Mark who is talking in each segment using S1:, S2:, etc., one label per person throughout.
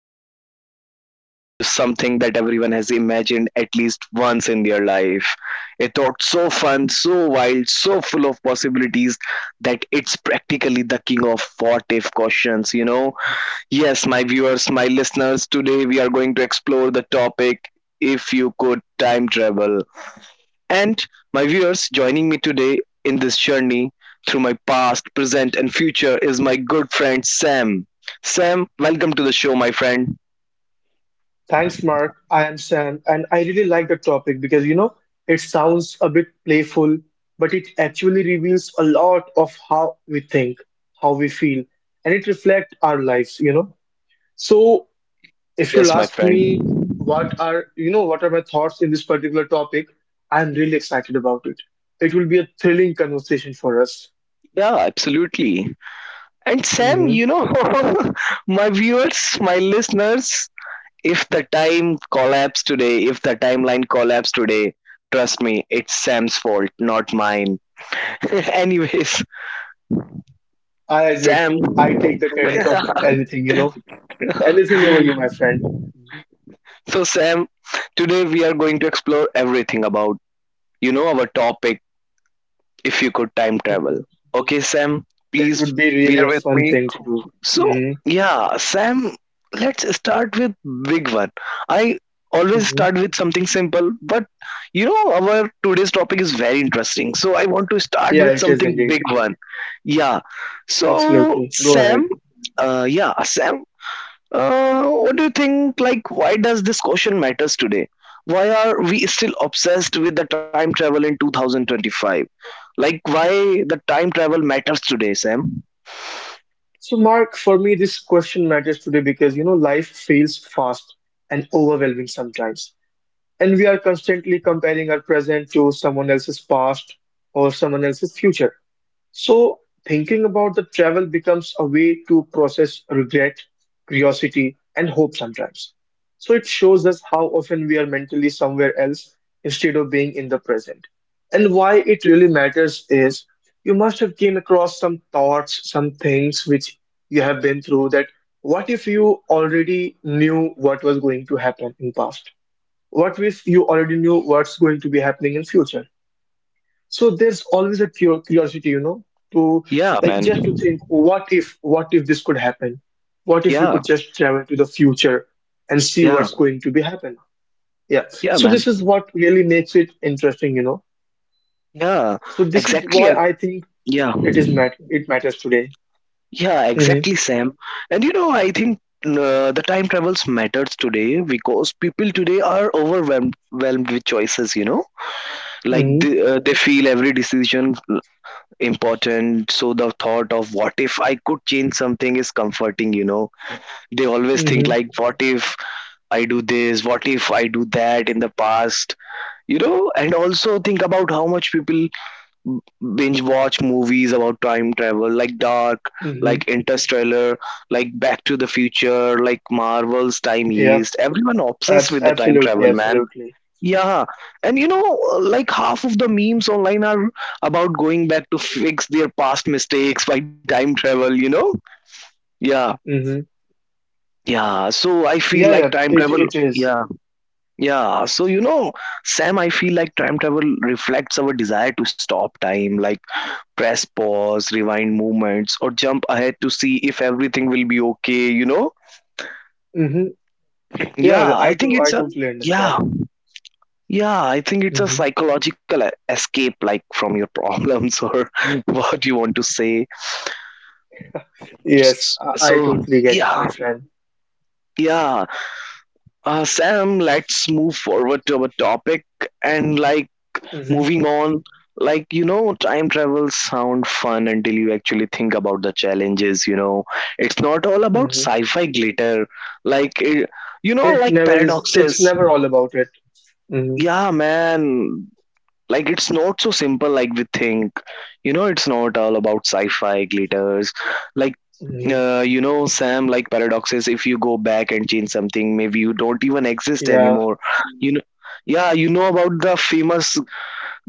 S1: today we are diving into something that everyone has imagined at least once in their life. A thought so fun, so wild, so full of possibilities that it's practically the king of what if questions, you know? Yes, my viewers, my listeners, today we are going to explore the topic if you could time travel and my viewers joining me today in this journey through my past, present, and future is my good friend Sam. Sam, welcome to the show, my friend.
S2: Thanks, Mark. I am Sam, and I really like the topic because it sounds a bit playful, but it actually reveals a lot of how we think, how we feel, and it reflects our lives. So if you'll
S1: Yes, my
S2: ask me
S1: friend.
S2: what are my thoughts in this particular topic, I'm really excited about it. It will be a thrilling conversation for us.
S1: Yeah, absolutely. And Sam,
S2: Hmm.
S1: you know, my viewers, my listeners, if the time collapsed today, if the timeline collapsed today, trust me, it's Sam's fault, not mine. Anyways,
S2: I admit
S1: Sam.
S2: I take the credit of anything, anything over you, my friend.
S1: So, Sam, today we are going to explore everything about, you know, our topic if you could time travel.
S2: Mm-hmm.
S1: Okay, Sam,
S2: That
S1: please,
S2: would be
S1: we
S2: really
S1: are
S2: a
S1: with
S2: fun
S1: me.
S2: thing to do.
S1: So
S2: Hmm.
S1: yeah, Sam, let's start with big one. I always
S2: Hmm.
S1: start with something simple, but you know our today's topic is very interesting. So I want to start
S2: Yeah,
S1: with
S2: it is
S1: something
S2: indeed.
S1: big one. Yeah. So
S2: Absolutely. Go ahead.
S1: Sam, yeah, Sam, what do you think? Like, why does this question matters today? Why are we still obsessed with the time travel in 2025? Like, why the time travel matters today, Sam?
S2: So, Mark, for me, this question matters today because life feels fast and overwhelming sometimes. And we are constantly comparing our present to someone else's past or someone else's future. So, thinking about the travel becomes a way to process regret, curiosity, and hope sometimes. So, it shows us how often we are mentally somewhere else instead of being in the present. And why it really matters is you must have came across some thoughts, some things which you have been through that what if you already knew what was going to happen in past? What if you already knew what's going to be happening in future? So there's always a curiosity, you know, to
S1: Yeah,
S2: like
S1: man.
S2: just to think, what if this could happen? What if we could just travel to the future and see
S1: Yeah,
S2: what's going to be happen? Yeah.
S1: yeah,
S2: So
S1: man.
S2: this is what really makes it interesting.
S1: Yeah,
S2: So this is
S1: exactly.
S2: why I think
S1: Yeah,
S2: it matters today.
S1: yeah, exactly,
S2: Hmm.
S1: Sam. And you know, I think the time travels matters today because people today are overwhelmed with choices. You know, like
S2: Hmm.
S1: they feel every decision important. So the thought of what if I could change something is comforting. You know, they always think
S2: Hmm.
S1: like, what if I do this? What if I do that in the past? You know, and also think about how much people b- binge watch movies about time travel like Dark,
S2: Hmm.
S1: like Interstellar, like Back to the Future, like Marvel's Time
S2: Yeah.
S1: Heist. Everyone obsessed
S2: Abs
S1: with the time
S2: absolutely.
S1: travel, man.
S2: Absolutely.
S1: Yeah, and you know, like half of the memes online are about going back to fix their past mistakes by time travel, you know? Yeah,
S2: Hmm.
S1: yeah so I feel
S2: Yeah.
S1: like
S2: Yeah.
S1: time
S2: It
S1: travel
S2: it is.
S1: Yeah, yeah, so you know, Sam, I feel like time travel reflects our desire to stop time, like press pause, rewind movements, or jump ahead to see if everything will be okay, you know?
S2: Mm-hmm.
S1: Yeah,
S2: Yeah.
S1: I
S2: I
S1: think
S2: to
S1: it's
S2: I
S1: a Mhm.
S2: totally
S1: Yeah,
S2: understand.
S1: yeah, I think it's a
S2: Hmm.
S1: psychological escape, like from your problems, or what you want to say.
S2: Yes,
S1: S-
S2: I
S1: So,
S2: totally get it,
S1: yeah,
S2: my friend.
S1: yeah. Sam, let's move forward to our topic and like
S2: Hmm.
S1: moving on, like you know, time travels sound fun until you actually think about the challenges. You know, it's not all about
S2: Hmm.
S1: sci-fi glitter. Like it, you know,
S2: It
S1: like
S2: never is. It's
S1: paradoxes.
S2: never all about it. Hmm.
S1: Yeah, man. Like it's not so simple like we think. You know, it's not all about sci-fi glitters. Like
S2: Hmm.
S1: you know, Sam, like paradoxes. If you go back and change something, maybe you don't even exist
S2: Yeah.
S1: anymore. You know, yeah, you know about the famous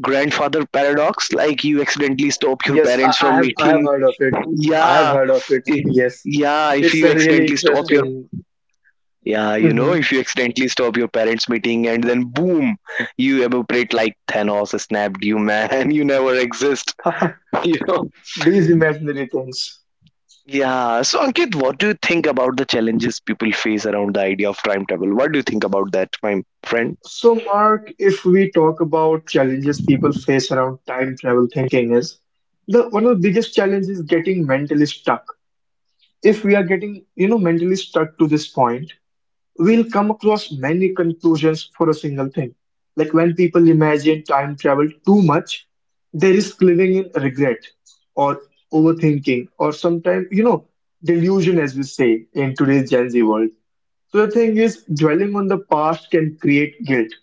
S1: grandfather paradox, like you accidentally stop your
S2: Yes, I,
S1: parents
S2: I
S1: from
S2: have. I have
S1: meeting.
S2: heard of it. I have
S1: Yeah,
S2: heard of it.
S1: if, Mhm.
S2: Yes,
S1: Yeah, if
S2: it's
S1: you
S2: a really
S1: accidentally stop your
S2: interesting.
S1: Mhm. Yeah, you know,
S2: Hmm.
S1: if you accidentally stop your parents meeting, and then boom, you evaporate, like Thanos snapped you, man. You never exist. You know?
S2: These imaginary things.
S1: Yeah, so Ankit, what do you think about the challenges people face around the idea of time travel? What do you think about that, my friend?
S2: So, Mark, if we talk about challenges people face around time travel thinking, is the one of the biggest challenges getting mentally stuck. If we are getting mentally stuck to this point, we'll come across many conclusions for a single thing. Like when people imagine time travel too much, there is living in regret or overthinking or sometimes, delusion, as we say in today's Gen Z world. So the thing is, dwelling on the past can create guilt,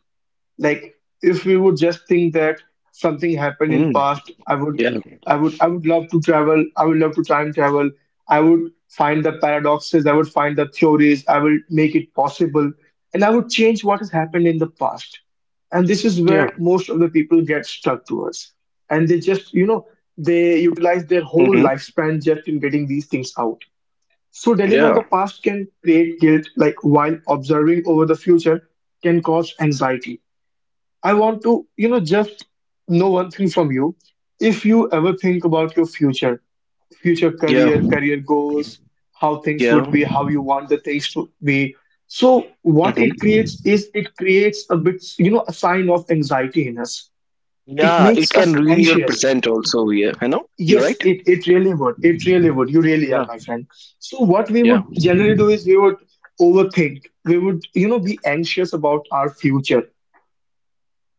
S2: like if we would just think that something happened in
S1: Mm,
S2: past, i would
S1: yeah.
S2: i would i would love to travel. I would love to time travel. I would find the paradoxes. I would find the theories. I will make it possible. And I would change what has happened in the past. And this is
S1: Yeah.
S2: where most of the people get stuck towards. And they just they utilize their whole
S1: Mm-hmm.
S2: lifespan just in getting these things out. So dwelling on
S1: Yeah.
S2: the past can create guilt, like while observing over the future can cause anxiety. I want to just know one thing from you. If you ever think about your future, future
S1: Yeah.
S2: career, career goals, how things
S1: Yeah.
S2: would be, how you want the things to be. So what it
S1: Mm-hmm.
S2: creates is it creates a bit, a sign of anxiety in us. It
S1: Yeah, it
S2: makes
S1: can
S2: us
S1: ruin your
S2: anxious.
S1: present also. Yeah, you know, you're
S2: Yes,
S1: right.
S2: it really would. It really would. You really are,
S1: Yeah,
S2: my friend. So what we
S1: yeah,
S2: would generally do is we would overthink. We would be anxious about our future.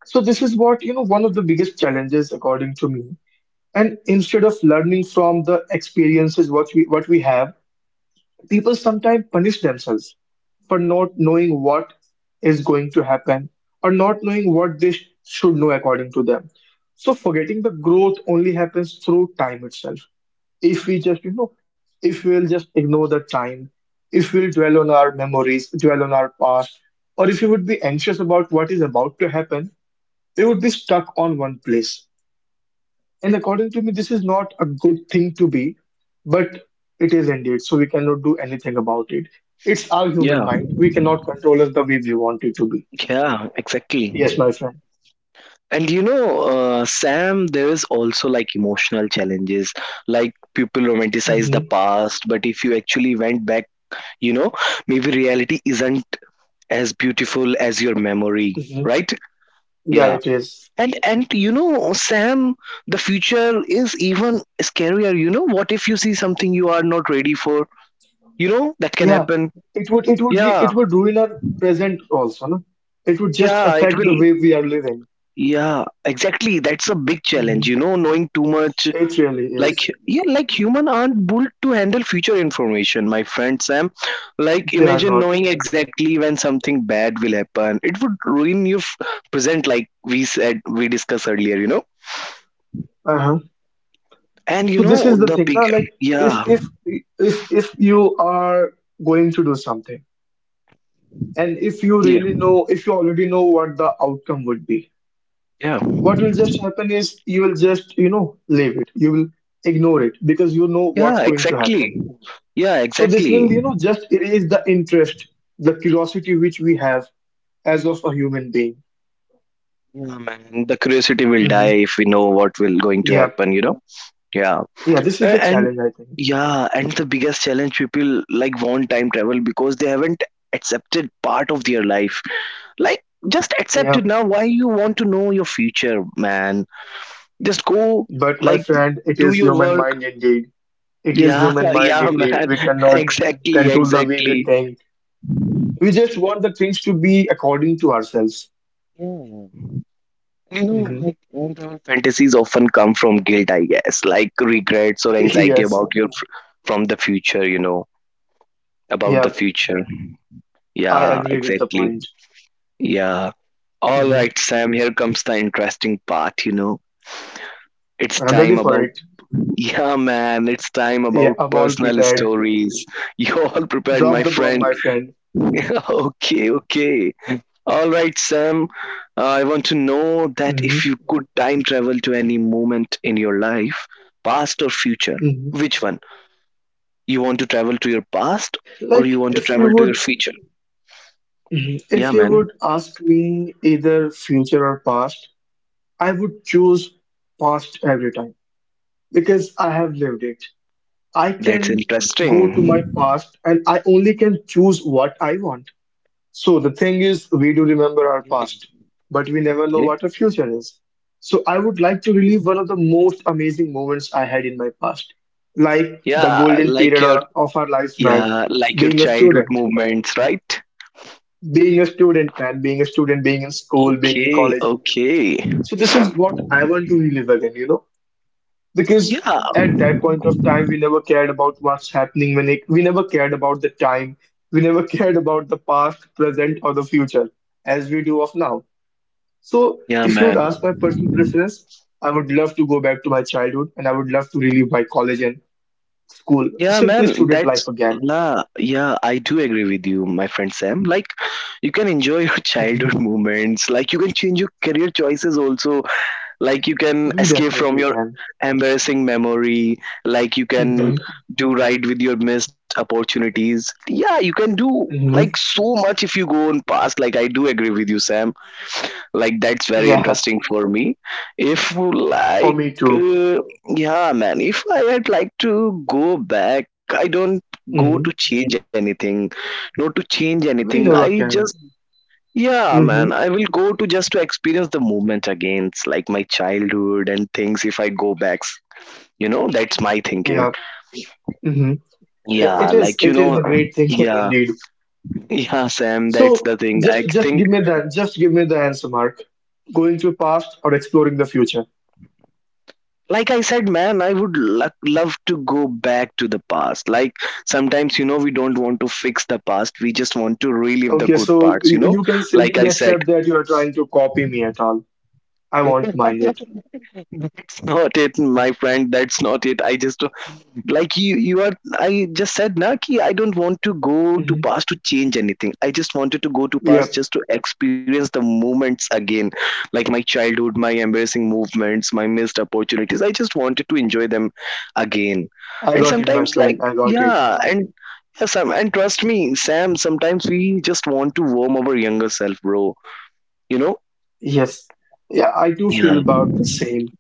S2: So this is what one of the biggest challenges according to me. And instead of learning from the experiences what we have, people sometimes punish themselves for not knowing what is going to happen or not knowing what they should know according to them. So forgetting the growth only happens through time itself. If we just, you know, if we'll just ignore the time, if we'll dwell on our memories, dwell on our past, or if we would be anxious about what is about to happen, they would be stuck on one place. And according to me, this is not a good thing to be, but it is indeed. So we cannot do anything about it. It's our human
S1: yeah,
S2: mind. We cannot control it the way we want it to be.
S1: yeah, exactly.
S2: Yes, my friend.
S1: And you know, Sam, there is also like emotional challenges. Like people romanticize the
S2: Hmm.
S1: past, but if you actually went back, you know, maybe reality isn't as beautiful as your memory,
S2: Hmm.
S1: right?
S2: Yeah,
S1: Yeah.
S2: it is.
S1: And you know, Sam, the future is even scarier. You know, what if you see something you are not ready for? You know, that can
S2: Yeah,
S1: happen.
S2: it would it would re-
S1: Yeah.
S2: it would ruin our present also. No? It would just
S1: Yeah, it
S2: affect the way
S1: will.
S2: we are living.
S1: Yeah, exactly. That's a big
S2: Hmm.
S1: challenge, you know, knowing too much.
S2: It really is.
S1: Like, yeah, like human aren't built to handle future information, my friend Sam. Like,
S2: They are
S1: imagine
S2: not.
S1: knowing exactly when something bad will happen. It would ruin your present, like we said, we discussed earlier, you know.
S2: Uh-huh.
S1: And you
S2: So this is
S1: know,
S2: the
S1: the
S2: thing,
S1: big,
S2: na. Like, if
S1: yeah,
S2: if if you are going to do something, and if you
S1: yeah,
S2: really know if you already know what the outcome would be,
S1: yeah,
S2: what will just happen is you will just leave it. You will ignore it because you know
S1: yeah,
S2: what's going to
S1: exactly.
S2: happen.
S1: Yeah,
S2: So this will,
S1: exactly.
S2: you know, just erase the interest, the curiosity which we have as of a human being.
S1: Yeah, man. The curiosity will
S2: Hmm.
S1: die if we know what will going to
S2: Yeah.
S1: happen, you know. Yeah.
S2: Yeah, this is the
S1: And
S2: challenge, I think.
S1: yeah, and the biggest challenge people like want time travel because they haven't accepted part of their life, like just accept
S2: Yeah.
S1: it now. Why you want to know your future, man? Just go,
S2: But my
S1: like
S2: friend, it
S1: do
S2: is
S1: your
S2: human
S1: work.
S2: mind indeed. It is
S1: Yeah,
S2: human mind
S1: yeah
S2: indeed.
S1: man,
S2: We cannot
S1: exactly,
S2: control the way we
S1: exactly.
S2: think. We just want the things to be according to ourselves. Hmm.
S1: Fantasies often come from guilt, I guess, like regrets or anxiety
S2: Yes.
S1: about your from the future, you know, about the
S2: Yeah,
S1: future.
S2: I
S1: Yeah,
S2: agree with the
S1: exactly.
S2: point.
S1: Yeah. All
S2: Hmm.
S1: right, Sam, here comes the interesting part, you know. It's
S2: I'm ready
S1: time
S2: for
S1: about,
S2: it.
S1: yeah, man, it's time
S2: Yeah,
S1: about
S2: I'm all
S1: personal
S2: prepared.
S1: stories. You all prepared,
S2: Drop
S1: my
S2: the bomb,
S1: friend.
S2: my friend.
S1: Okay, okay. All right, Sam, I want to know that
S2: Hmm.
S1: if you could time travel to any moment in your life, past or future,
S2: Hmm.
S1: which one? You want to travel to your past or you
S2: Like
S1: want to
S2: if you
S1: travel to your
S2: would,
S1: future?
S2: Mhm.
S1: Yeah,
S2: If you
S1: man,
S2: would ask me either future or past, I would choose past every time because I have lived it. I
S1: that's
S2: can go to my
S1: interesting.
S2: past and I only can choose what I want. So the thing is, we do remember our past, but we never know
S1: Yeah.
S2: what our future is. So I would like to relive one of the most amazing moments I had in my past, like the
S1: Yeah,
S2: golden
S1: like
S2: period
S1: your
S2: of our lives, man.
S1: Yeah, like your
S2: Being a
S1: childhood
S2: student,
S1: movements, right?
S2: being a student, man, being a student, being in school, being in
S1: Okay,
S2: college.
S1: okay.
S2: So this is what I want to relive again. Because
S1: Yeah,
S2: at that point of time, we never cared about what's happening. We never cared about the time. We never cared about the past, present, or the future as we do of now. So
S1: yeah,
S2: if you would
S1: man.
S2: ask my personal preference, I would love to go back to my childhood, and I would love to relive my college and school,
S1: Yeah,
S2: simply
S1: man,
S2: student life
S1: that's
S2: again.
S1: nah, yeah, I do agree with you, my friend Sam. Like, you can enjoy your childhood
S2: Hmm.
S1: moments, like, you can change your career choices also, like, you can
S2: We
S1: escape from
S2: definitely
S1: your
S2: can.
S1: embarrassing memory, like, you can
S2: Hmm.
S1: do right with your missed opportunities. Yeah, you can do like
S2: Hmm.
S1: so much if you go on past. Like, I do agree with you, Sam. Like that's very
S2: Yeah,
S1: interesting for me, if
S2: for
S1: like
S2: me too.
S1: uh, yeah, man, if I had like to go back, I don't go
S2: Hmm.
S1: to change anything, not to change anything,
S2: We never
S1: I just
S2: can.
S1: yeah man,
S2: Hmm.
S1: I will go to just to experience the movement again. It's like my childhood and things if I go back, you know, that's my thinking.
S2: Yeah. Hmm.
S1: Yeah,
S2: it is
S1: like you
S2: it is
S1: know,
S2: a great thinking
S1: yeah,
S2: indeed.
S1: yeah Sam, that's
S2: So
S1: the thing I
S2: just
S1: think.
S2: give me the Just give me the answer, Mark. Going to past or exploring the future.
S1: Like I said, man, I would love to go back to the past, like sometimes you know we don't want to fix the past, we just want to relive the
S2: Okay,
S1: good
S2: so y-
S1: parts, you know?
S2: you can
S1: Like
S2: simply
S1: I said,
S2: accept that you are trying to copy me at all. I won't mind it.
S1: not it, my friend, that's not it. I just like you are, I just said na ki I don't want to go to
S2: Hmm.
S1: past to change anything, I just wanted to go to past
S2: Yep,
S1: just to experience the moments again, like my childhood, my embarrassing movements, my missed opportunities. I just wanted to enjoy them again.
S2: I
S1: And
S2: got it, my
S1: sometimes
S2: friend.
S1: like
S2: I got it.
S1: yeah, and yeah, Sam, and trust me, Sam, sometimes we just want to warm our younger self, bro, you know?
S2: Yes. Yeah, I do feel
S1: Yeah.
S2: about the same.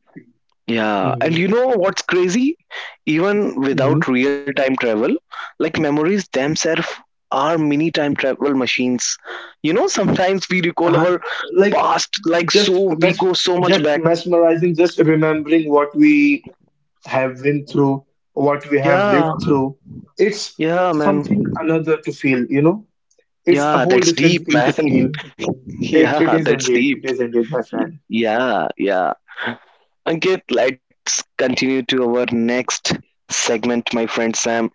S1: Yeah, and
S2: Hmm.
S1: you know what's crazy? Even
S2: Hmm.
S1: without real time travel, like memories themselves are mini time travel machines. You know, sometimes we recall
S2: Uh,
S1: our
S2: like
S1: past, like
S2: just
S1: so, we go so much back.
S2: mesmerizing, just remembering what we have been through, what we have
S1: Yeah,
S2: lived through. It's
S1: yeah,
S2: something
S1: man.
S2: another to feel. It's a
S1: Yeah,
S2: whole
S1: that's
S2: different
S1: deep,
S2: thing to feel.
S1: man.
S2: It
S1: Yeah,
S2: is
S1: that's
S2: indeed. It
S1: deep.
S2: is indeed, my friend.
S1: Yeah, yeah. Ankit, let's continue to our next segment, my friend Sam.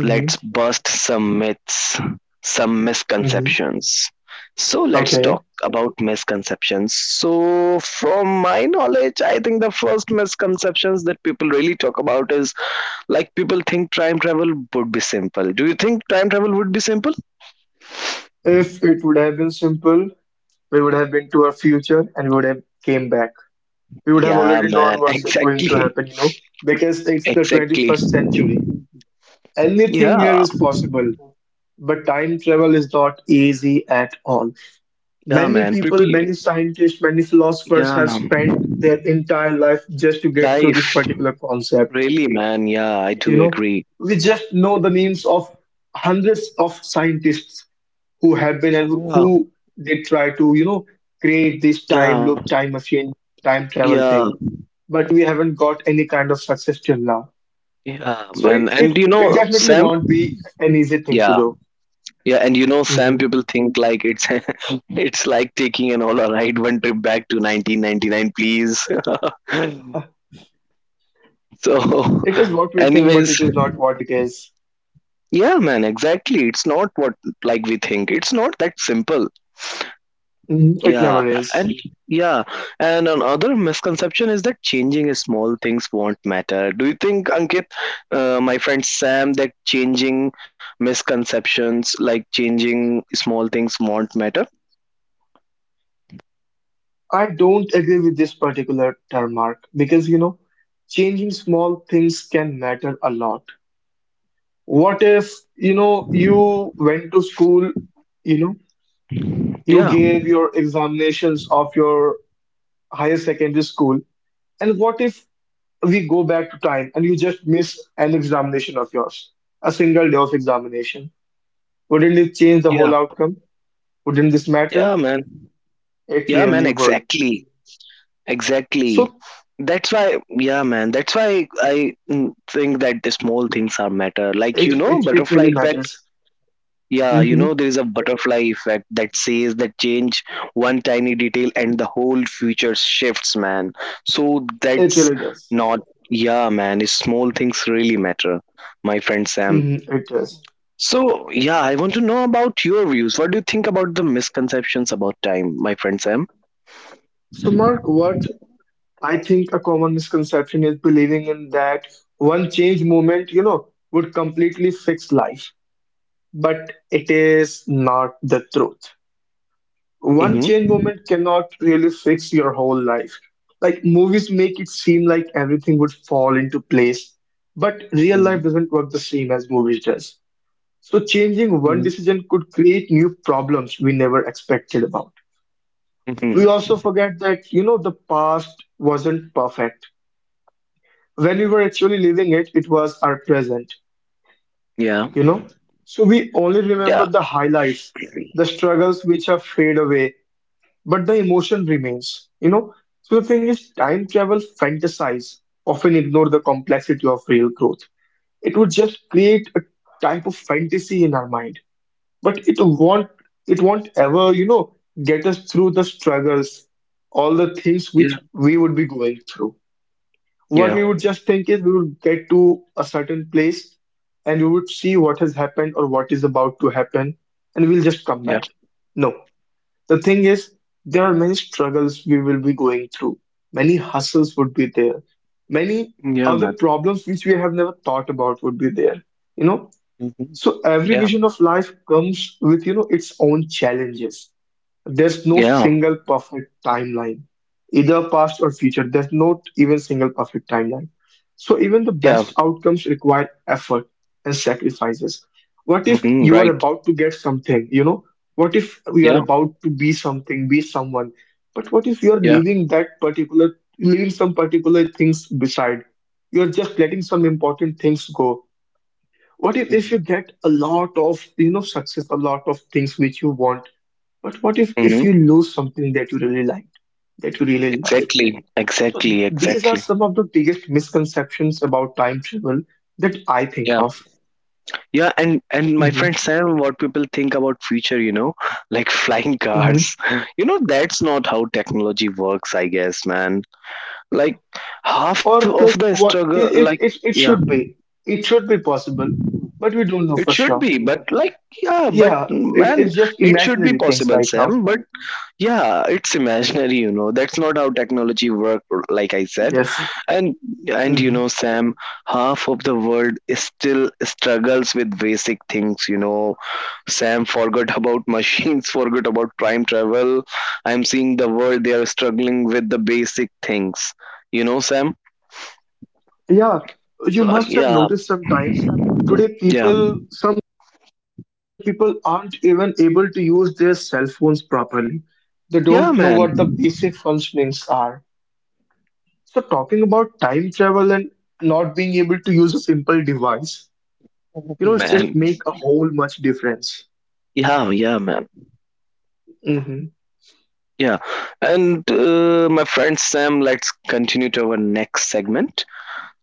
S1: Let's bust some myths, some
S2: Hmm.
S1: misconceptions. So let's
S2: Okay.
S1: talk about misconceptions. So from my knowledge, I think the first misconceptions that people really talk about is like people think time travel would be simple. Do you think time travel would be simple?
S2: If it would have been simple, we would have been to our future and we would have came back. We would have
S1: Yeah,
S2: already known
S1: man,
S2: what's going to
S1: exactly.
S2: happen, because it's the
S1: Exactly.
S2: 21st century. Anything here
S1: Yeah.
S2: is possible, but time travel is not easy at all.
S1: Yeah,
S2: Many
S1: man.
S2: people,
S1: People
S2: many scientists, many philosophers have
S1: yeah.
S2: spent their entire life just to get through this
S1: Life.
S2: particular concept
S1: Really, man. Yeah, I
S2: you
S1: do
S2: know
S1: agree.
S2: we just know the names of hundreds of scientists who have been and
S1: Yeah.
S2: who did try to create this time
S1: Yeah.
S2: loop, time machine, time travel
S1: Yeah.
S2: thing, but we haven't got any kind of success till now.
S1: Yeah,
S2: So it it,
S1: and you
S2: it
S1: know,
S2: definitely
S1: Sam.
S2: won't be an easy thing to
S1: Yeah,
S2: do.
S1: yeah, and you know, Sam.
S2: Mhm.
S1: People think like it's it's like taking an all right one trip back to 1999, please.
S2: Uh,
S1: So,
S2: it is what we think but
S1: anyways,
S2: it is not what it is.
S1: yeah, man, exactly. It's not what like we think. It's not that simple.
S2: Mhm. It
S1: Yeah,
S2: never is.
S1: and yeah, and another misconception is that changing small things won't matter. Do you think, Ankit, my friend Sam, that changing misconceptions like changing small things won't matter?
S2: I don't agree with this particular term, Mark, because changing small things can matter a lot. What if you went to school you know you
S1: Yeah,
S2: gave your examinations of your higher secondary school, and what if we go back to time and you just miss an examination of yours, a single day of examination? Wouldn't it change the whole
S1: yeah,
S2: outcome? Wouldn't this
S1: yeah,
S2: matter?
S1: man. Yeah,
S2: It
S1: man,
S2: really would.
S1: exactly, exactly.
S2: So
S1: That's why, yeah, man, that's why I mm, think that the small things are matter. Like, you
S2: it
S1: know,
S2: it, it
S1: butterfly
S2: really
S1: effect.
S2: matters.
S1: Yeah, you
S2: Hmm.
S1: know, there is a butterfly effect that says that change one tiny detail and the whole future shifts, man. So
S2: It
S1: that's
S2: really does.
S1: not, yeah, man, it's small things really matter, my friend Sam.
S2: Hmm. It does.
S1: So, yeah, I want to know about your views. What do you think about the misconceptions about time, my friend Sam?
S2: So, Mark, what I think a common misconception is believing in that one change moment would completely fix life. But it is not the truth. One
S1: Mhm.
S2: change moment cannot really fix your whole life. Like movies make it seem like everything would fall into place, but real life doesn't work the same as movies does. So changing one
S1: Mhm.
S2: decision could create new problems we never expected about. We
S1: Mhm.
S2: also forget that, the past wasn't perfect when we were actually living it, was our present,
S1: Yeah.
S2: you know. So we only
S1: Yeah.
S2: remember the highlights, the struggles which have fade away, but the emotion remains. So the thing is, time travel fantasize often ignore the complexity of real growth. It would just create a type of fantasy in our mind, but it won't, it won't ever, get us through the struggles, all the things which
S1: Yeah.
S2: we would be going through. What we
S1: Yeah.
S2: would just think is we would get to a certain place and we would see what has happened or what is about to happen and we'll just come
S1: Yeah.
S2: back. No, the thing is, there are many struggles we will be going through, many hustles would be there, many
S1: Yeah,
S2: other
S1: man.
S2: problems which we have never thought about would be there, you know.
S1: Mhm.
S2: So every
S1: Yeah.
S2: vision of life comes with its own challenges, there's no
S1: Yeah.
S2: single perfect timeline, either past or future. There's not even single perfect timeline. So even the
S1: Yeah.
S2: best outcomes require effort and sacrifices. What if
S1: Mhm.
S2: you are
S1: Right.
S2: about to get something? What if you are
S1: Yeah.
S2: about to be something, be someone? But what if you are
S1: Yeah.
S2: leaving that particular, leaving some particular things beside? You're just letting some important things go. What if you
S1: Mhm.
S2: get a lot of success, a lot of things which you want? But what if you
S1: Mhm.
S2: lose something that you really liked, that you really loved?
S1: Exactly.
S2: So
S1: Exactly.
S2: these are
S1: Exactly.
S2: some of the biggest misconceptions about time travel that I think
S1: Yeah.
S2: of.
S1: Yeah. And my
S2: Hmm.
S1: friend Sam, what people think about future, you know, like flying
S2: Hmm.
S1: cars. You know, that's not how technology works, I guess, man. Like, half
S2: Or
S1: of the
S2: like what
S1: struggle,
S2: it,
S1: like,
S2: it
S1: yeah,
S2: should be. It should be possible, but we don't know
S1: it
S2: for
S1: should
S2: sure.
S1: be, but like, yeah, but
S2: Yeah, it's
S1: man,
S2: just
S1: it should
S2: imaginary
S1: be
S2: things
S1: possible,
S2: right now.
S1: Sam, but yeah, it's imaginary, you know. That's not how technology works, like I said.
S2: Yes.
S1: and and you
S2: Hmm.
S1: know, Sam, half of the world is still struggles with basic things, you know, Sam. Forgot about machines, forgot about time travel. I'm seeing the world, they are struggling with the basic things, you know, Sam.
S2: Yeah, you must have
S1: Yeah,
S2: noticed sometimes today
S1: yeah,
S2: people some. Some people aren't even able to use their cell phones properly. They
S1: yeah,
S2: don't know
S1: man.
S2: what the basic functionings are. So, talking about time travel and not being able to use a simple device, it's just
S1: Man,
S2: make a whole much difference.
S1: yeah, yeah, man,
S2: Hmm.
S1: yeah. And my friend Sam, let's continue to our next segment,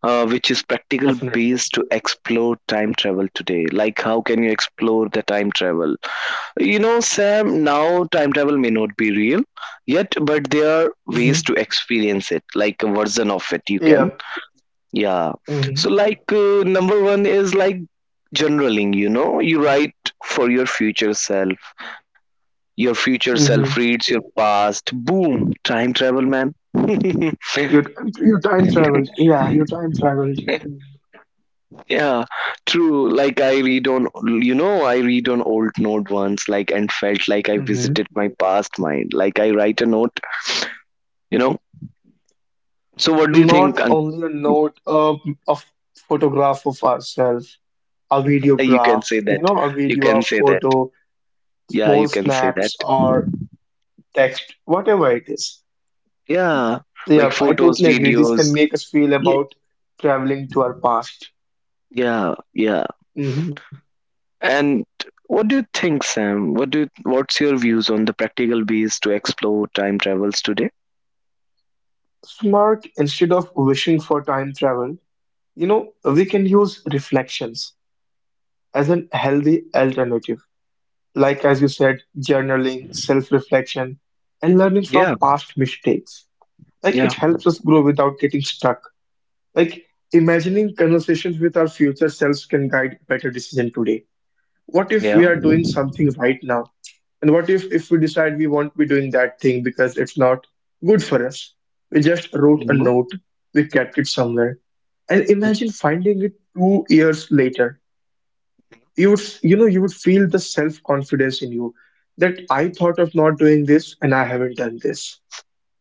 S1: which is practical
S2: Definitely.
S1: base to explore time travel today. Like, how can you explore the time travel? You know, Sam, now time travel may not be real yet, but there are ways
S2: Hmm.
S1: to experience it, like a version of it. You
S2: Yeah.
S1: can, yeah.
S2: Hmm.
S1: So, like, number one is like journaling, you know, you write for your future self. Your future self
S2: Hmm.
S1: reads your past. Boom, time travel, man.
S2: You, you time traveled. Yeah, you time traveled.
S1: Yeah, true. Like I read on, you know, I read on old note once, like and felt like I
S2: Hmm.
S1: visited my past mind. Like I write a note, you know. So what do you think,
S2: Not
S1: Ankita?
S2: only a note, a photograph of ourselves, a
S1: You can
S2: videograph,
S1: say that.
S2: a
S1: You
S2: video, a
S1: can say that.
S2: photo
S1: Yeah,
S2: small
S1: you can say that.
S2: snaps or text, whatever it is.
S1: Yeah,
S2: Yeah,
S1: like
S2: I
S1: photos,
S2: totally agree. This
S1: videos.
S2: can make us feel
S1: Yeah,
S2: about traveling to our past.
S1: yeah, yeah.
S2: Mhm.
S1: And what do you think, Sam? What do you, what's your views on the practical ways to explore time travels today?
S2: So, Mark, instead of wishing for time travel, we can use reflections as an healthy alternative. Like, as you said, journaling, self reflection, and learning
S1: Yeah,
S2: from past mistakes. Like, it
S1: yeah,
S2: helps us grow without getting stuck. Like, imagining conversations with our future selves can guide better decision today. What if we
S1: yeah.
S2: are doing something right now and what if we decide we won't be doing that thing because it's not good for us? We just wrote a
S1: Hmm.
S2: note, we kept it somewhere and imagine finding it 2 years later. You would you would feel the self-confidence in you that I thought of not doing this and I haven't done this.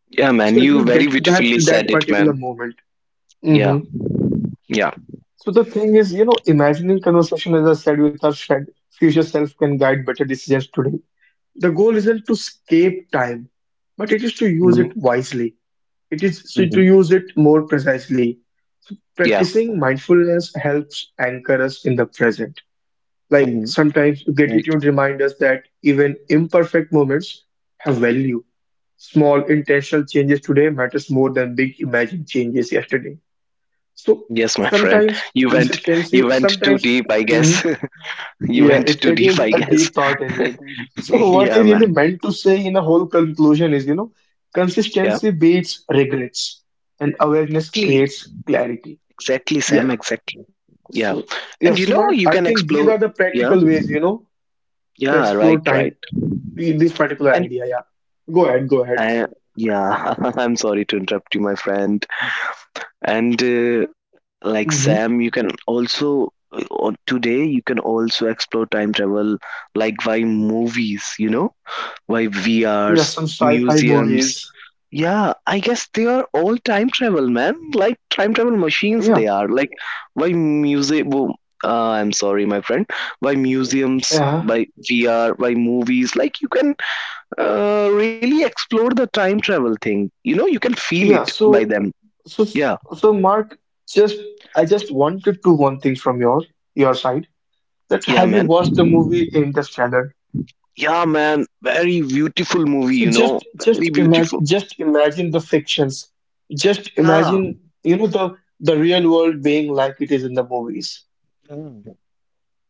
S1: Yeah, man.
S2: So it
S1: You
S2: will
S1: very
S2: get you back
S1: beautifully
S2: to
S1: said
S2: that
S1: it,
S2: particular
S1: man.
S2: moment.
S1: Yeah.
S2: Hmm.
S1: Yeah.
S2: So the thing is, imagining conversation, as I said, with our friend, future self can guide better decisions today. The goal isn't to escape time, but it is to use it
S1: Hmm.
S2: wisely. It is so
S1: Hmm.
S2: to use it more precisely. So
S1: Yeah.
S2: practicing mindfulness helps anchor us in the present. Like
S1: Hmm.
S2: sometimes
S1: Right.
S2: gratitude reminds us that even imperfect moments have value. Small intentional changes today matters more than big imagined changes yesterday. So
S1: Yes, my friend.
S2: sometimes
S1: You went you
S2: consistency,
S1: went too
S2: sometimes
S1: deep, I
S2: mm-hmm,
S1: guess. you
S2: yeah,
S1: went
S2: it,
S1: too
S2: it
S1: deep,
S2: is
S1: I
S2: a
S1: guess.
S2: deep thought indeed. So what I
S1: yeah,
S2: really
S1: man.
S2: meant to say in a whole conclusion is,
S1: Yeah.
S2: consistency beats regrets and awareness creates clarity.
S1: Exactly,
S2: Yeah.
S1: Sam, exactly. Yeah.
S2: So
S1: And you
S2: yeah,
S1: know
S2: so
S1: you
S2: Mark,
S1: can
S2: I think
S1: explore,
S2: these are the
S1: yeah.
S2: practical ways, to
S1: Yeah,
S2: explore
S1: right, right.
S2: time with this particular
S1: And
S2: idea. Yeah. Go ahead, go ahead.
S1: uh, yeah, I'm sorry to interrupt you, my friend. And like
S2: Mm-hmm.
S1: Sam, you can also on today you can also explore time travel, like by movies, you know? Why V
S2: Yeah,
S1: R's
S2: some sci-fi
S1: museums.
S2: movies.
S1: Yeah, I guess they are all time travel, man. Like time travel machines,
S2: Yeah.
S1: they are. Like why music? wo- I'm sorry, my friend. Why museums?
S2: Yeah.
S1: By VR? By movies? Like you can really explore the time travel thing. You know, you can feel it
S2: Yeah.
S1: by
S2: So
S1: them.
S2: so
S1: Yeah,
S2: so Mark, just I just wanted to one thing from your side. That
S1: yeah,
S2: have you
S1: man.
S2: watched the movie Interstellar?
S1: Yeah, man, very beautiful movie,
S2: So
S1: you know, very beautiful.
S2: just imagine the fictions. Just imagine, you know, the the real world being like it is in the movies.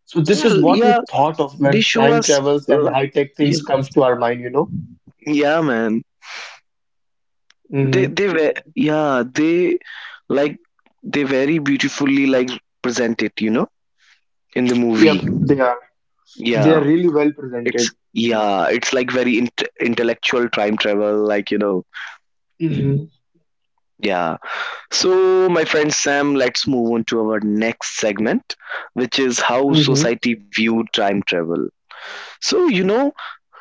S2: So this
S1: Yeah,
S2: is what
S1: yeah,
S2: we thought of
S1: they
S2: when
S1: show
S2: time
S1: us,
S2: travels and high tech
S1: yeah,
S2: things comes to our mind?
S1: yeah, man. they
S2: Hmm.
S1: they were, yeah, they, like, they very beautifully like present it, you know, in the movie,
S2: Yep, they are. They
S1: yeah.
S2: are really well presented.
S1: It's, yeah, it's like very intellectual time travel, like, you know,
S2: Hmm.
S1: yeah. So my friend Sam, let's move on to our next segment, which is how
S2: Hmm.
S1: society viewed time travel. So you know,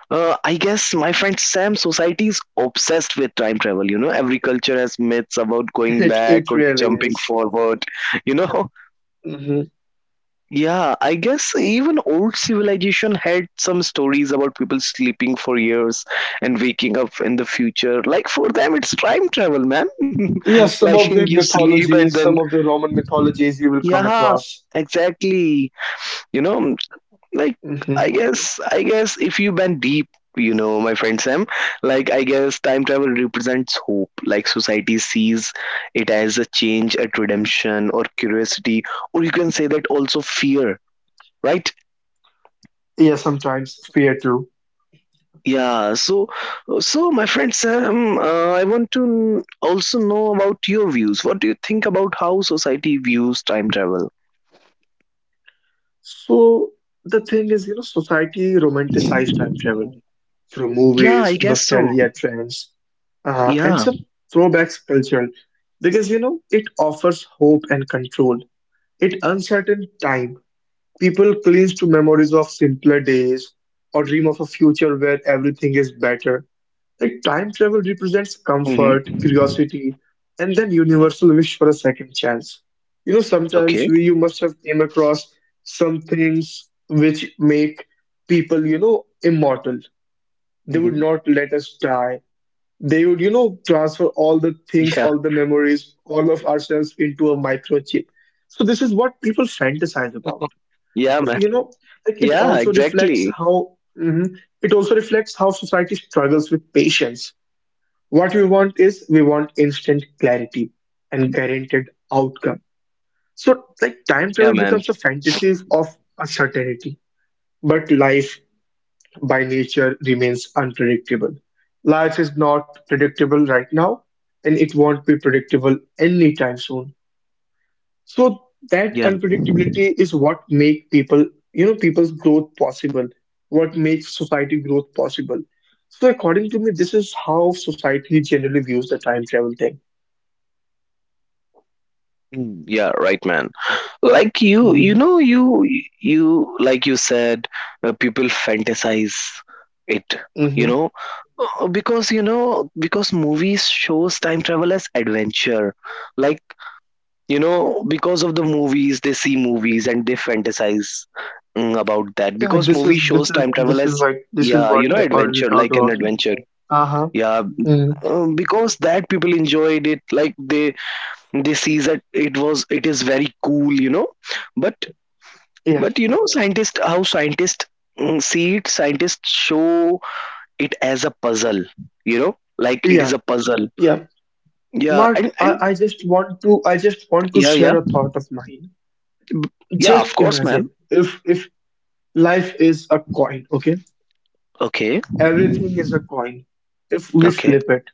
S1: I guess my friend Sam, society is obsessed with time travel, you know, every culture has myths about going
S2: It
S1: back or
S2: really
S1: jumping
S2: is.
S1: forward, you know.
S2: Hmm.
S1: Yeah, I guess even old civilization had some stories about people sleeping for years and waking up in the future. Like for them, it's time travel,
S2: Yes, some
S1: man.
S2: of the
S1: Like
S2: mythologies,
S1: you
S2: some of the
S1: sleep
S2: Roman
S1: and then
S2: mythologies you will come across.
S1: yeah, exactly. You know, like
S2: Hmm.
S1: I guess if you bend deep, you know, my friend Sam, like I guess time travel represents hope. Like society sees it as a change, at redemption, or curiosity, or you can say that also fear. Right?
S2: Yeah, sometimes fear too.
S1: Yeah, so so my friend Sam, I want to also know about your views. What do you think about how society views time travel?
S2: So the thing is, society romanticized time travel through
S1: Yeah, I
S2: movies,
S1: guess so.
S2: nostalgia trends, and
S1: Yeah.
S2: some throwbacks culture because you know it offers hope and control. It uncertain time. People cling to memories of simpler days or dream of a future where everything is better. Like time travel represents
S1: Hmm.
S2: comfort, curiosity, and then universal wish for a second chance. Sometimes we
S1: Okay.
S2: you must have came across some things which make people, immortal. They would not let
S1: Hmm.
S2: us die. They would, transfer all the things, all
S1: Yeah.
S2: the memories, all of ourselves into a microchip. So this is what people fantasize about.
S1: Yeah,
S2: So
S1: man.
S2: like it
S1: Yeah,
S2: also reflects
S1: exactly.
S2: how mhm, it also reflects how society struggles with patience. What we want is we want instant clarity and guaranteed outcome. So, like time travel becomes a
S1: Yeah, man.
S2: fantasy of uncertainty, but life by nature remains unpredictable. Life is not predictable right now, and it won't be predictable anytime soon. So that
S1: Yeah.
S2: unpredictability is what make people, people's growth possible, what makes society growth possible. So according to me, this is how society generally views the time travel thing.
S1: Mm, yeah, right, man. Like you, you
S2: Mm-hmm.
S1: know, you, you, like you said, people fantasize it, you
S2: Mm-hmm.
S1: know. Because, you know, because movies shows time travel as adventure. Like, you know, because of the movies, they see movies and they fantasize, about that.
S2: Yeah,
S1: Because
S2: this
S1: movie
S2: is this
S1: shows
S2: is
S1: time travel as,
S2: this is
S1: yeah, you
S2: what
S1: know,
S2: I already
S1: adventure,
S2: talked
S1: like an
S2: about.
S1: adventure.
S2: Uh-huh.
S1: Yeah,
S2: Mm-hmm.
S1: because that people enjoyed it, like they sees that it is very cool, you know, but
S2: Yeah.
S1: but you know scientists, how scientists see it, scientists show it as a puzzle, you know, like it
S2: Yeah.
S1: is a puzzle,
S2: Yeah.
S1: yeah.
S2: Mark,
S1: and
S2: I,
S1: and
S2: I just want to I just want to
S1: yeah yeah,
S2: share a thought of mine.
S1: B- yeah, of
S2: Just
S1: course, ma'am.
S2: imagine if life is a coin, okay?
S1: Okay,
S2: Everything is a coin. If we
S1: okay,
S2: flip it,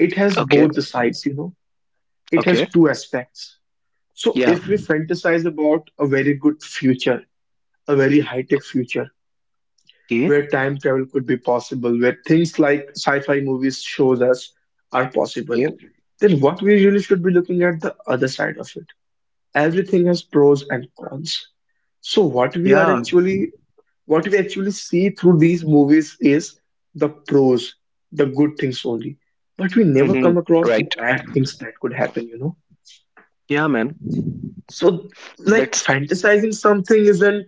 S2: it has
S1: okay,
S2: both the sides. It has
S1: okay,
S2: two aspects. So
S1: yeah,
S2: if we fantasize about a very good future, a very high-tech future
S1: okay,
S2: where time travel could be possible, where things like sci-fi movies shows us are possible,
S1: yeah,
S2: then what we really should be looking at the other side of it. Everything has pros and cons. So what we are
S1: yeah.
S2: actually what we actually see through these movies is the pros, the good things only. But we never
S1: Hmm,
S2: come across the
S1: right,
S2: bad things that could happen?
S1: yeah, man.
S2: So like
S1: That's
S2: fantasizing something isn't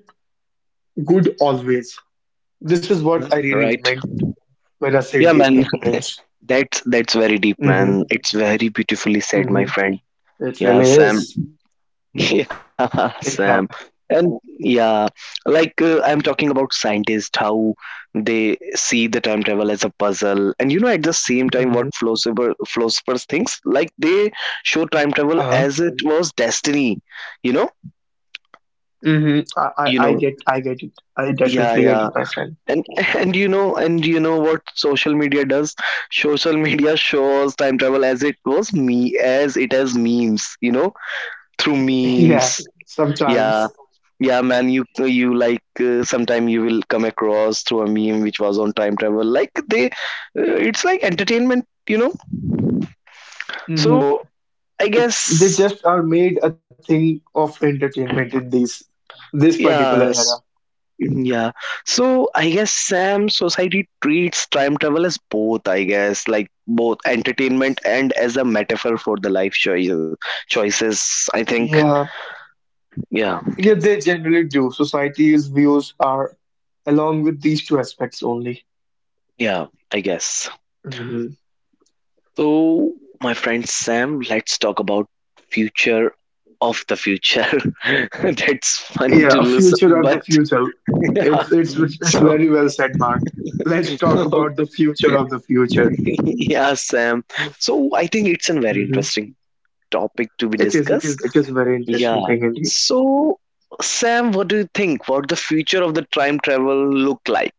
S2: good always. This is what
S1: yeah,
S2: I really
S1: right,
S2: meant when I said
S1: yeah,
S2: these
S1: man.
S2: things.
S1: That's very deep,
S2: Mm-hmm.
S1: man. It's very beautifully said, my friend.
S2: It
S1: Yeah,
S2: really
S1: Sam.
S2: is.
S1: Yeah, Sam.
S2: Yeah.
S1: And yeah, like I'm talking about scientists, how they see the time travel as a puzzle. And you know, at the same time,
S2: Mm-hmm.
S1: what Flossipers thinks, like they show time travel
S2: Uh-huh.
S1: as it was destiny, you know,
S2: Hmm. I, I,
S1: you
S2: I
S1: know,
S2: get I get it. I
S1: yeah,
S2: definitely get
S1: yeah.
S2: it, my friend.
S1: And and you know, and you know what social media does. Social media shows time travel as it was me as it has memes, you know, through memes,
S2: Yeah.
S1: yeah.
S2: Sometimes.
S1: Yeah, man, you like sometime you will come across through a meme which was on time travel. Like they, it's like entertainment, you know.
S2: Mm-hmm.
S1: So I
S2: It, they
S1: guess,
S2: just are made a thing of entertainment in these this particular
S1: yes,
S2: era.
S1: yeah. So I guess Sam, society treats time travel as both. I guess, like both entertainment and as a metaphor for the life choices. Choices. I think.
S2: Yeah.
S1: Yeah,
S2: Yeah, they generally do. Society's views are along with these two aspects only.
S1: yeah. I guess.
S2: Hmm.
S1: So, my friend Sam, let's talk about future of the future. That's funny
S2: Yeah,
S1: to
S2: a
S1: listen,
S2: future of the
S1: but
S2: future.
S1: yeah.
S2: It's it's
S1: So,
S2: very well said, Mark. Let's talk about the future of the future.
S1: yeah, Sam. So, I think it's a very interesting topic to be
S2: It is, it is,
S1: discussed.
S2: it is a very interesting
S1: Yeah.
S2: thing indeed.
S1: So, Sam, what do you think? What the future of the time travel look like?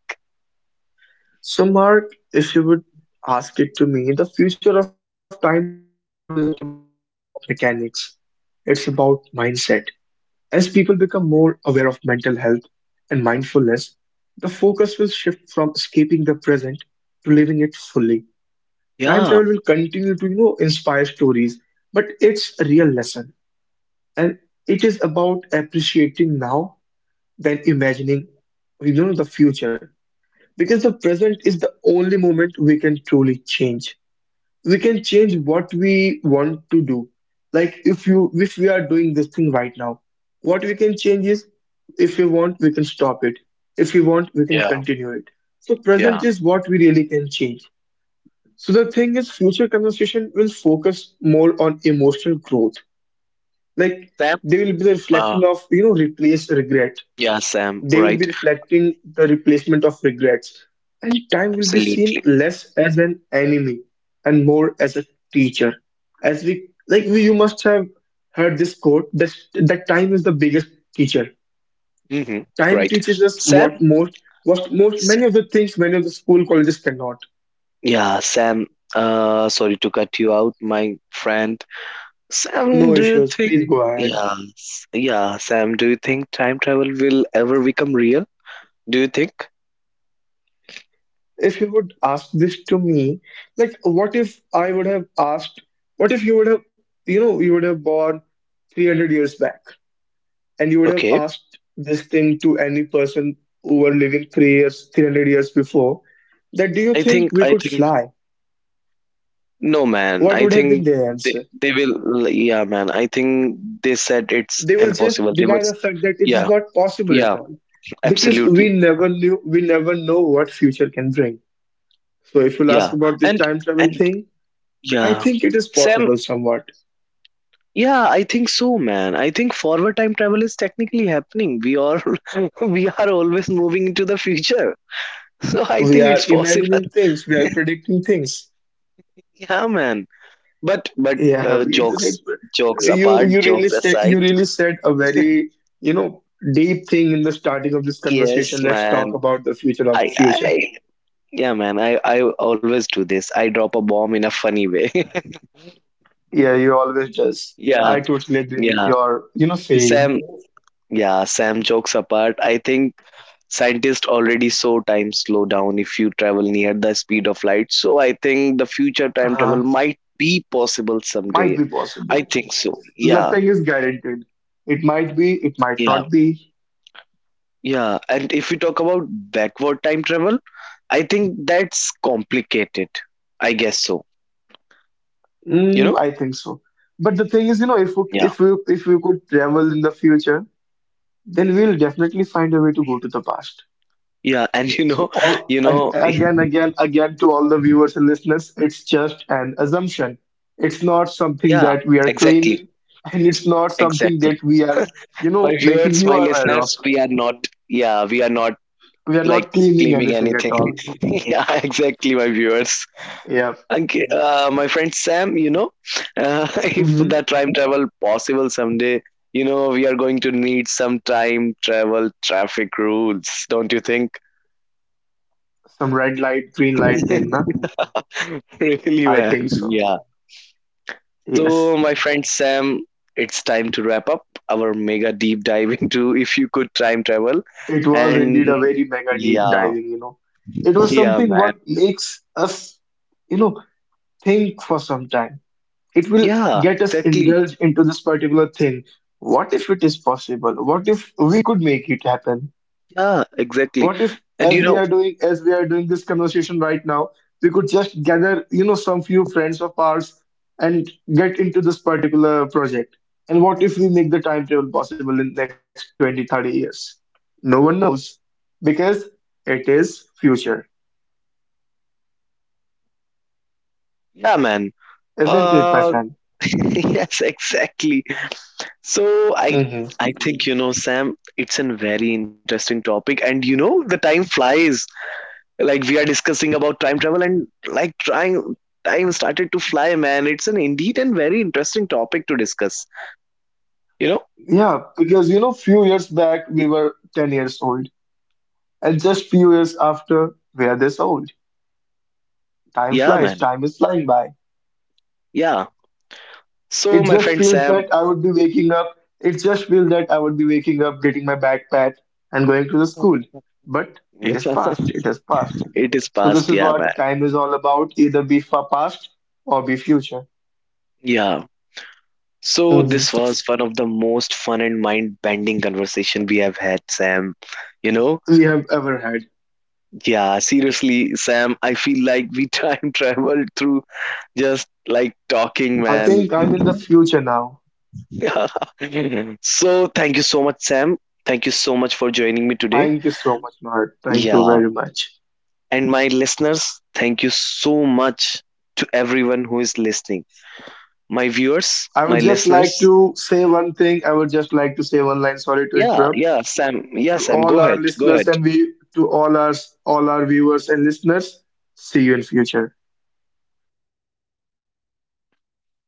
S2: So, Mark, if you would ask it to me, the future of time travel isn't about mechanics, it's about mindset. As people become more aware of mental health and mindfulness, the focus will shift from escaping the present to living it fully. Time travel
S1: Yeah.
S2: will continue to, inspire stories, but it's a real lesson. And it is about appreciating now than imagining, the future. Because the present is the only moment we can truly change. We can change what we want to do. Like if you if we are doing this thing right now, what we can change is if we want, we can stop it. If we want, we can
S1: Yeah.
S2: continue it. So present
S1: Yeah.
S2: is what we really can change. So the thing is, future conversation will focus more on emotional growth. Like
S1: Sam.
S2: they will be the reflection
S1: Uh,
S2: of replace regret.
S1: yeah, Sam.
S2: They will be
S1: Right.
S2: reflecting the replacement of regrets, and time will be seen
S1: Absolutely.
S2: less as an enemy and more as a teacher. As we like, we, you must have heard this quote that that time is the biggest teacher.
S1: Hmm.
S2: Time
S1: Right.
S2: teaches us
S1: Sam.
S2: what most, many of the things many of the school colleges cannot.
S1: Yeah, Sam, sorry to cut you out, my friend. Sam,
S2: No
S1: do you
S2: issues.
S1: think,
S2: Please go ahead.
S1: yeah, yeah, Sam, do you think time travel will ever become real? Do you think?
S2: If you would ask this to me, like, what if I would have asked, what if you would have, you would have born 300 years back? And you would have
S1: Okay.
S2: asked this thing to any person who were living 3 years, 300 years before, that do you
S1: I
S2: think
S1: think,
S2: we
S1: I
S2: could
S1: think,
S2: fly?
S1: no, man.
S2: What would
S1: I
S2: have been
S1: think
S2: their
S1: they,
S2: answer?
S1: they will, yeah, man. I think they said
S2: They
S1: it's
S2: will just
S1: impossible. They
S2: deny the
S1: would,
S2: fact that it is
S1: yeah,
S2: not possible at
S1: yeah,
S2: all. Because we
S1: absolutely.
S2: never knew, we never know what future can bring. So if you'll ask
S1: Yeah.
S2: about this
S1: And,
S2: time travel
S1: and,
S2: thing, I
S1: yeah.
S2: think it is
S1: Sam,
S2: possible somewhat.
S1: yeah, I think so, man. I think forward time travel is technically happening. We are we are always moving into the future, so I
S2: We
S1: think
S2: are
S1: it's possible.
S2: imagining things, we are predicting things.
S1: Yeah, man. But
S2: Yeah,
S1: uh, jokes
S2: it's
S1: jokes
S2: you
S1: apart, jokes aside,
S2: you really said a very you know deep thing in the starting of this
S1: yes,
S2: conversation. Let's talk
S1: man.
S2: about the future of the
S1: I
S2: future.
S1: yeah, man. I always do this. I drop a bomb in a funny way.
S2: Yeah, you always does.
S1: Yeah,
S2: I totally agree with
S1: yeah.
S2: your saying.
S1: Sam, yeah, Sam. Jokes apart, I think scientists already saw time slow down if you travel near the speed of light. So I think the future time
S2: Uh,
S1: travel might be possible
S2: might
S1: someday.
S2: be possible.
S1: I think so. Yeah,
S2: Nothing is guaranteed. It might be. It might
S1: yeah,
S2: not be.
S1: yeah. And if we talk about backward time travel, I think that's complicated. I guess so. You
S2: Mm,
S1: know?
S2: I think so. But the thing is, if we,
S1: Yeah.
S2: if we if we could travel in the future, then we'll definitely find a way to go to the past.
S1: Yeah. And you
S2: So
S1: know,
S2: all
S1: you
S2: ag-
S1: know,
S2: again, again, again to all the viewers and listeners, it's just an assumption. It's not something
S1: yeah,
S2: that we are
S1: exactly.
S2: claiming, and it's not something that
S1: Exactly.
S2: we are, you
S1: My
S2: know, making
S1: viewers,
S2: you
S1: my
S2: aware of.
S1: listeners, we are not, yeah, we are not
S2: We are not
S1: like
S2: claiming
S1: claiming
S2: anything at
S1: anything.
S2: all.
S1: Yeah, exactly, my viewers.
S2: Yeah.
S1: Okay, my friend Sam, you know, if
S2: Hmm.
S1: the time travel possible someday, you know, we are going to need some time travel traffic rules, don't you think?
S2: Some red light, green light thing, na?
S1: Really,
S2: I
S1: man.
S2: think so.
S1: Yeah. So,
S2: Yes.
S1: my friend Sam, it's time to wrap up our mega deep dive into if you could time travel.
S2: It was
S1: And
S2: indeed a very mega deep
S1: yeah,
S2: diving, you know. It was
S1: yeah,
S2: something what
S1: man.
S2: makes us, you know, think for some time it will
S1: Yeah,
S2: get us
S1: exactly.
S2: indulged into this particular thing. What if it is possible? What if we could make it happen?
S1: Yeah, exactly.
S2: What if,
S1: And you
S2: as we
S1: know,
S2: are doing, as we are doing this conversation right now, we could just gather, some few friends of ours and get into this particular project? And what if we make the time travel possible in next 20, 30 years? No one knows because it is future,
S1: yeah, man.
S2: isn't it, my
S1: Uh,
S2: friend?
S1: yes, exactly. So
S2: Hmm.
S1: I think you know, Sam, it's a very interesting topic, and you know, the time flies. Like we are discussing about time travel, and like trying, time started to fly, man. It's an indeed and very interesting topic to discuss. You know,
S2: Yeah, because you know, few years back we were 10 years old. And just few years after, we are this old. Time
S1: yeah,
S2: flies,
S1: man,
S2: time is flying by.
S1: yeah. So
S2: It
S1: my
S2: just
S1: friend
S2: feels
S1: Sam,
S2: that I would be waking up. It just feels that I would be waking up, getting my backpack, and going to the school. But
S1: yeah,
S2: it is past, it is past.
S1: it is
S2: So, this
S1: past,
S2: is
S1: yeah, man,
S2: what time is all about either be for past or be future.
S1: yeah. So
S2: Hmm.
S1: this was one of the most fun and mind-bending conversation we have had, Sam. You know,
S2: We have ever had.
S1: yeah, seriously, Sam, I feel like we time traveled through just like talking,
S2: I
S1: man.
S2: think I'm in the future now.
S1: So, thank you so much, Sam. Thank you so much for joining me today.
S2: Thank you so much, Mahat. Thank you
S1: Yeah.
S2: very much.
S1: And my listeners, thank you so much to everyone who is listening. My viewers,
S2: I would
S1: my
S2: just like
S1: listeners.
S2: to say one thing. I would just like to say one line. Sorry to
S1: Yeah,
S2: interrupt.
S1: yeah, Sam. Yeah,
S2: To
S1: Sam,
S2: all
S1: go
S2: our
S1: ahead. Go
S2: listeners
S1: ahead.
S2: and we to all our viewers and listeners. See you in future.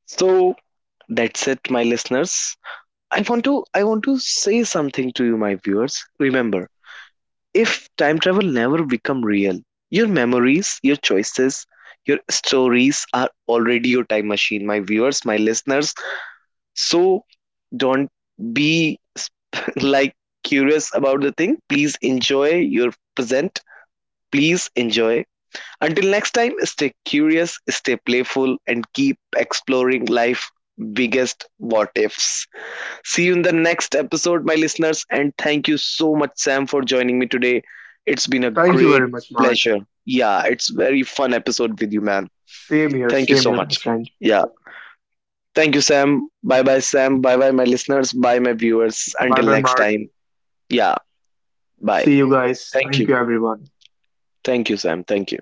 S1: So, that's it, my listeners. I want to say something to you, my viewers. Remember, if time travel never become real, your memories, your choices, your stories are already your time machine, my viewers, my listeners. So don't be like curious about the thing. Please enjoy your present. Please enjoy. Until next time, stay curious, stay playful, and keep exploring life biggest what ifs. See you in the next episode, my listeners. And thank you so much, Sam, for joining me today. It's been a
S2: Thank you
S1: great
S2: very much, Mark.
S1: pleasure. Yeah, it's very fun episode with you, man. Thank you
S2: Same
S1: so
S2: here, my
S1: much.
S2: friend.
S1: Yeah. Thank you, Sam. Bye bye, Sam. Bye bye, my listeners. Bye, my viewers.
S2: Bye
S1: Until
S2: bye,
S1: next
S2: Mark.
S1: time. Yeah. Bye.
S2: See you guys.
S1: Thank
S2: Thank
S1: you.
S2: you, everyone.
S1: Thank you, Sam. Thank you.